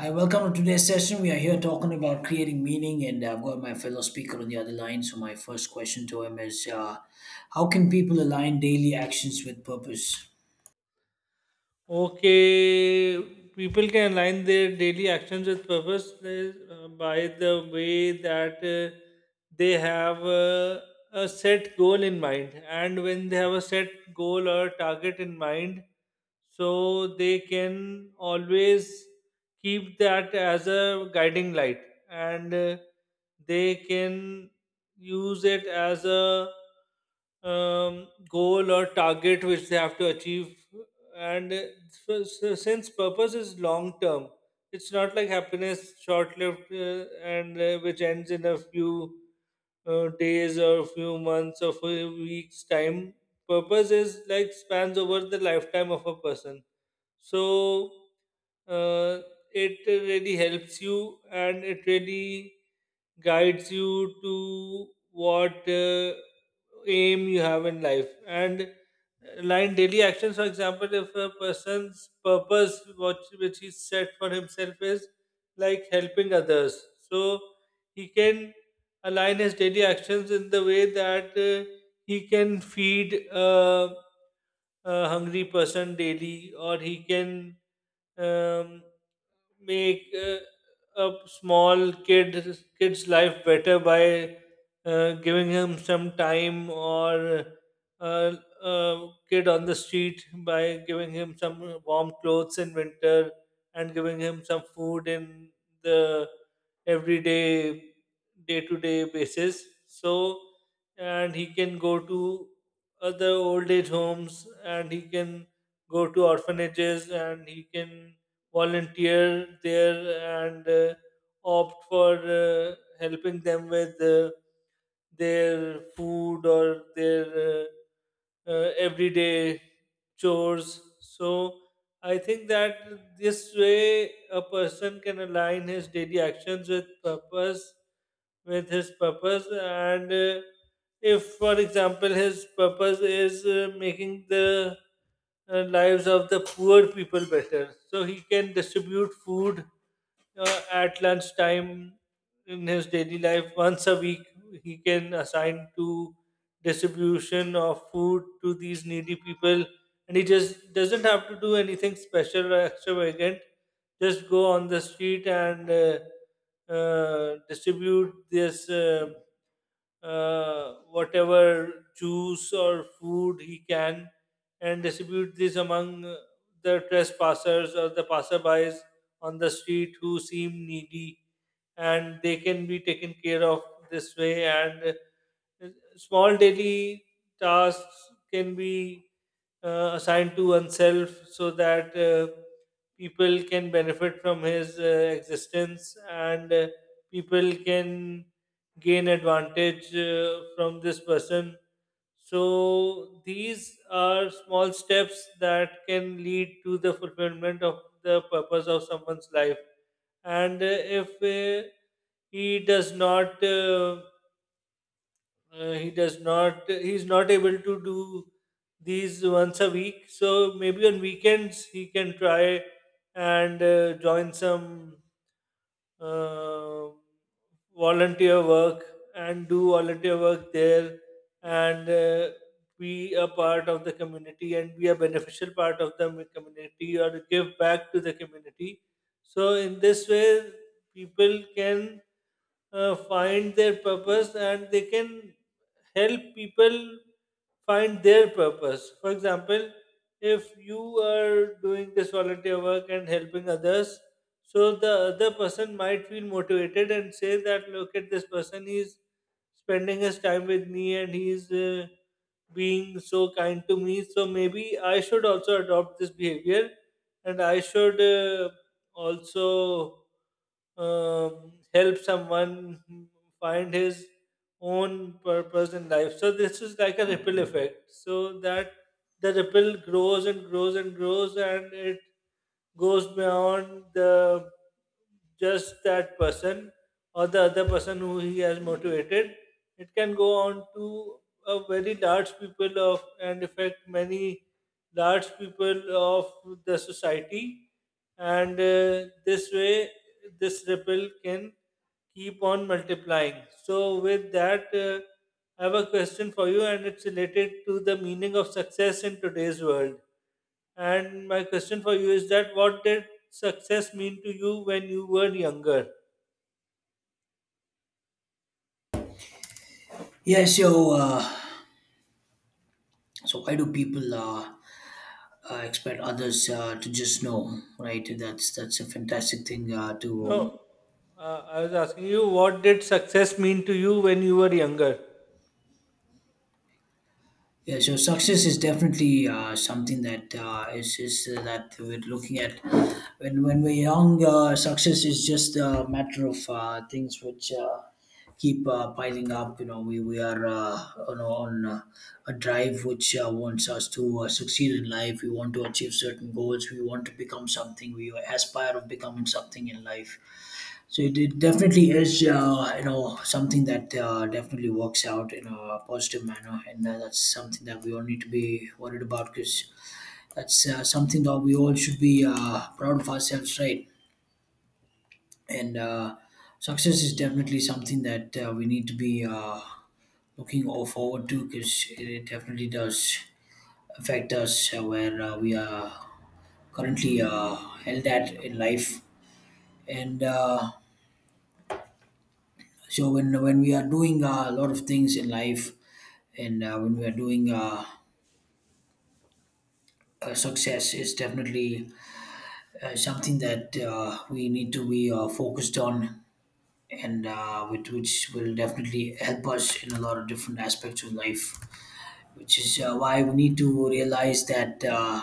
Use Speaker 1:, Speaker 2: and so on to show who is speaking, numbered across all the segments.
Speaker 1: Hi, welcome to today's session. We are here talking about creating meaning, and I've got my fellow speaker on the other line. So, my first question to him is how can people align daily actions with purpose?
Speaker 2: Okay, people can align their daily actions with purpose by the way that they have a set goal in mind. And when they have a set goal or target in mind, so they can always keep that as a guiding light and they can use it as a goal or target which they have to achieve and so since purpose is long term, it's not like happiness, short lived, and which ends in a few days or few months or few weeks time. Purpose is like spans over the lifetime of a person, so uh, it really helps you and it really guides you to what aim you have in life, and line daily actions. For example, if a person's purpose what which he set for himself is like helping others, so he can align his daily actions in the way that he can feed a hungry person daily, or he can um, make a small kid's life better by giving him some time, or uh, a kid on the street by giving him some warm clothes in winter and giving him some food in the everyday, day to day basis. So and he can go to other old age homes, and he can go to orphanages, and he can volunteer there, and opt for uh, helping them with their food or their everyday chores. So I think that this way a person can align his daily actions with purpose, with his purpose, and if, for example, his purpose is making the lives of the poor people better, so he can distribute food at lunchtime. In his daily life, once a week he can assign to distribution of food to these needy people, and he just doesn't have to do anything special or extravagant. Just go on the street and distribute this whatever juice or food he can, and distribute this among the trespassers or the passerbys on the street who seem needy, and they can be taken care of this way. And uh, small daily tasks can be assigned to oneself so that people can benefit from his existence, and people can gain advantage from this person. So these are small steps that can lead to the fulfillment of the purpose of someone's life. And if he does not, uh, he does not, he's not able to do these once a week. So maybe on weekends he can try and join some um volunteer work and do volunteer work there, and be a part of the community, and be a beneficial part of the community, or give back to the community. So, in this way, people can find their purpose, and they can help people find their purpose. For example, if you are doing this volunteer work and helping others, so the other person might feel motivated and say that, look at this person, he's spending his time with me, and he's being so kind to me. So maybe I should also adopt this behavior, and I should also help someone find his own purpose in life. So this is like a ripple effect, so that the ripple grows and grows and grows, and it goes beyond the just that person or the other person who he has motivated. It can go on to a very large people of, and affect many large people of the society. And this way this ripple can keep on multiplying. So with that, I have a question for you, and it's related to the meaning of success in today's world. And my question for you is that, what did success mean to you when you were younger?
Speaker 1: Yeah, so, so why do people expect others to just know, right? That's a fantastic thing to
Speaker 2: No, I was asking you, what did success mean to you when you were younger?
Speaker 1: yeah, so success is definitely something that is that we're looking at. When we're young, success is just a matter of things which keep piling up. You know, we are you know, on a drive which wants us to succeed in life. We want to achieve certain goals. We want to become something. We aspire of becoming something in life. So it definitely is, you know, something that definitely works out in a positive manner, and that's something that we all need to be worried about because that's something that we all should be proud of ourselves, right? And success is definitely something that we need to be looking all forward to because it definitely does affect us where we are currently held at in life, and so when we are doing a lot of things in life and when we are doing success is definitely something that we need to be focused on and which will definitely help us in a lot of different aspects of life which is why we need to realize that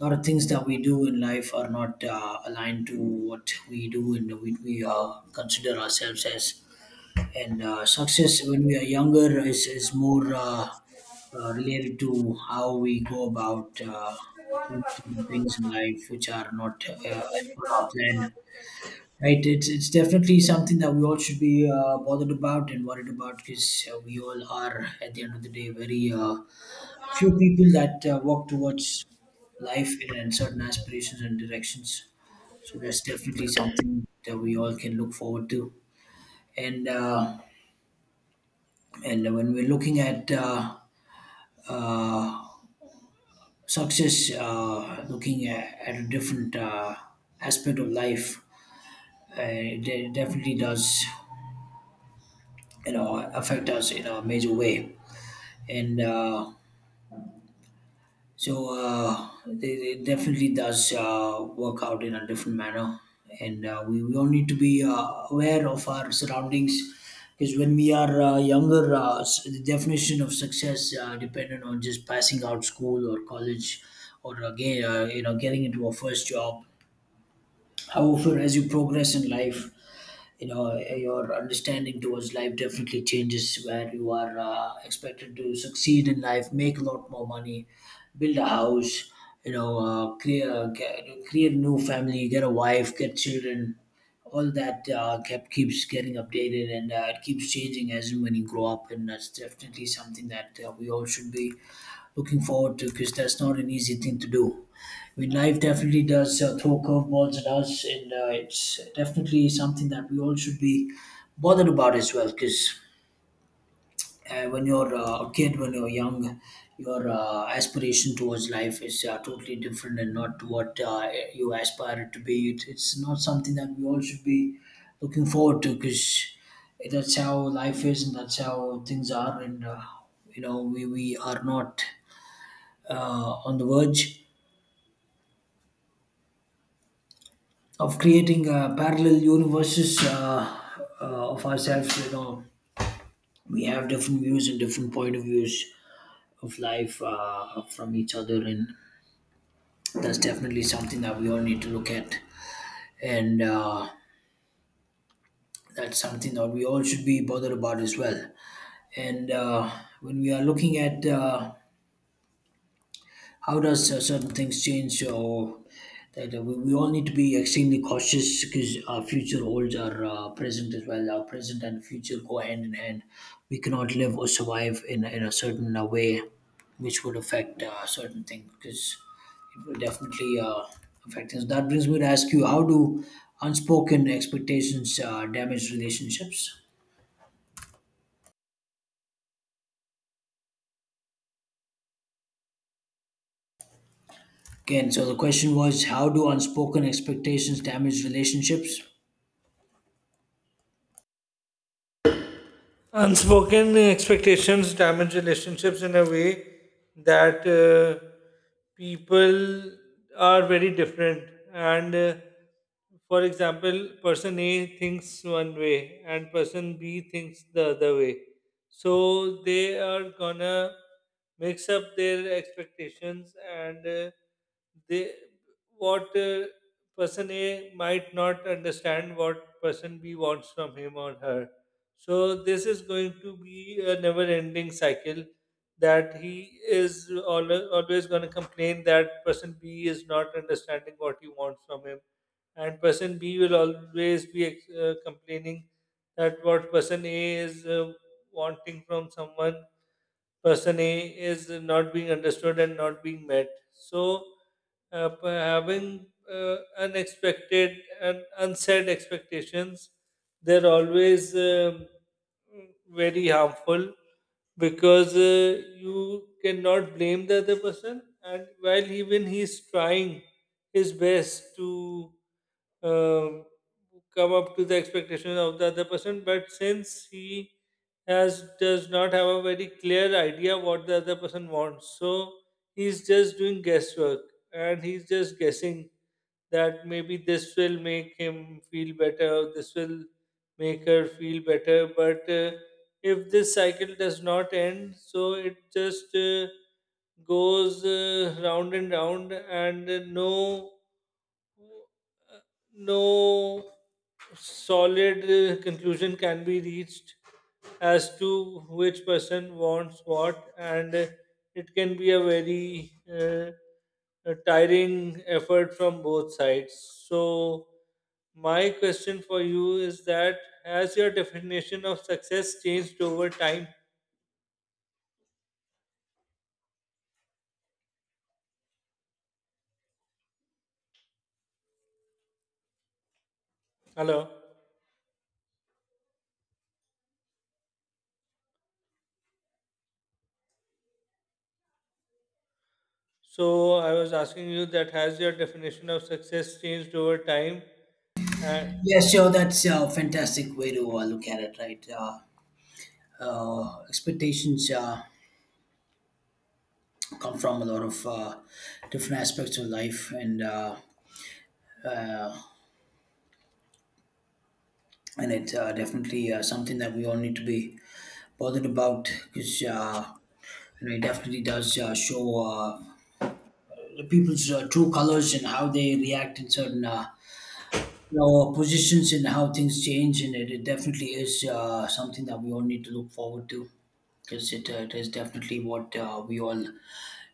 Speaker 1: a lot of things that we do in life are not aligned to what we do and we consider ourselves as and success when we are younger is more related to how we go about doing certain things in life which are not as per our plan, right. It's definitely something that we all should be bothered about and worried about because we all are at the end of the day very few people that walk towards life and certain aspirations and directions, so that's definitely something that we all can look forward to. And and when we're looking at uh, success, looking at a different aspect of life, it definitely does, you know, affect us in a major way. And So It definitely does work out in a different manner, and we all need to be aware of our surroundings because when we are younger, the definition of success dependent on just passing out school or college or again you know getting into a first job. However, as you progress in life, you know your understanding towards life definitely changes where you are expected to succeed in life, make a lot more money, build a house, you know, create a new family, get a wife, get children. All that kept keeps getting updated and it keeps changing as and when you grow up, and that's definitely something that we all should be looking forward to because that's not an easy thing to do. I mean, life definitely does throw curveballs at us, and it's definitely something that we all should be bothered about as well. Because when you're a kid, when you're young, your aspiration towards life is totally different and not to what you aspire it to be. It's not something that we all should be looking forward to, because that's how life is, and that's how things are. And you know, we are not uh, on the verge of creating parallel universes of ourselves. You know, we have different views and different point of views of life from each other, and that's definitely something that we all need to look at, and that's something that we all should be bothered about as well. And when we are looking at how does certain things change, or that we all need to be extremely cautious because our future holds our present as well. Our present and future go hand in hand. We cannot live or survive in a certain way which would affect certain things because it will definitely affect things. That brings me to ask you, how do unspoken expectations damage relationships? Again, so the question was, how do unspoken expectations damage relationships?
Speaker 2: Unspoken expectations damage relationships in a way that people are very different, and for example, person A thinks one way and person B thinks the other way. So they are gonna mix up their expectations, and they what person A might not understand what person B wants from him or her. So this is going to be a never-ending cycle, that he is always going to complain that person B is not understanding what he wants from him, and person B will always be complaining that what person A is wanting from someone, person A is not being understood and not being met. So having unexpected and unsaid expectations, they're always very harmful, because you cannot blame the other person, and while even he's trying his best to um, come up to the expectation of the other person. But since he has does not have a very clear idea what the other person wants, so he's just doing guesswork, and he's just guessing that maybe this will make him feel better, this will make her feel better. But if this cycle does not end, so it just goes round and round, and no solid conclusion can be reached as to which person wants what. And it can be a very a tiring effort from both sides. So, my question for you is that, has your definition of success changed over time? Hello. So, I was asking you that, has your definition of success changed over time? And.
Speaker 1: Yeah, sure. That's a fantastic way to look at it, right? Expectations come from a lot of different aspects of life, and and it's definitely something that we all need to be bothered about because you know, it definitely does show the people's true colors and how they react in certain you know, positions and how things change, and it definitely is something that we all need to look forward to because it, it is definitely what we all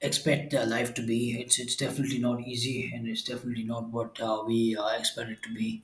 Speaker 1: expect life to be. It's definitely not easy, and it's definitely not what we expect it to be.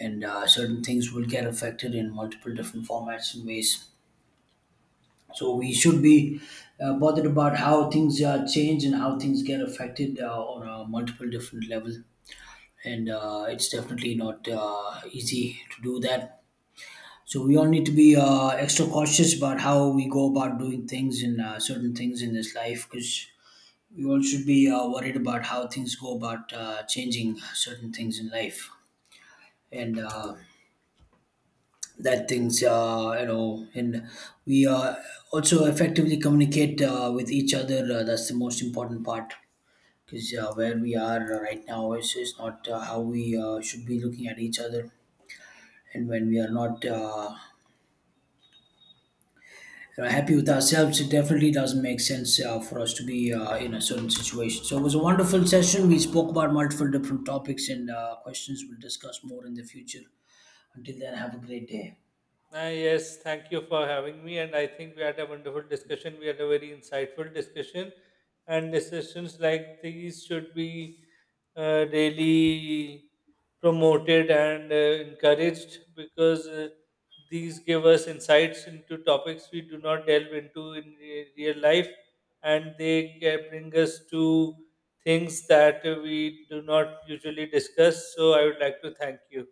Speaker 1: And certain things will get affected in multiple different formats and ways. So we should be bothered about how things change and how things get affected on a multiple different level. And it's definitely not easy to do that. So we all need to be extra cautious about how we go about doing things and certain things in this life because we all should be worried about how things go about changing certain things in life and that things you know, and we also effectively communicate with each other. That's the most important part because where we are right now is not how we should be looking at each other. And when we are not happy with ourselves, it definitely doesn't make sense for us to be in a certain situation. So it was a wonderful session. We spoke about multiple different topics and questions. We'll discuss more in the future. Until then, have a great day.
Speaker 2: Yes, thank you for having me. And I think we had a wonderful discussion. We had a very insightful discussion. And discussions like these should be really promoted and encouraged, because these give us insights into topics we do not delve into in real life. And they can bring us to things that we do not usually discuss. So I would like to thank you.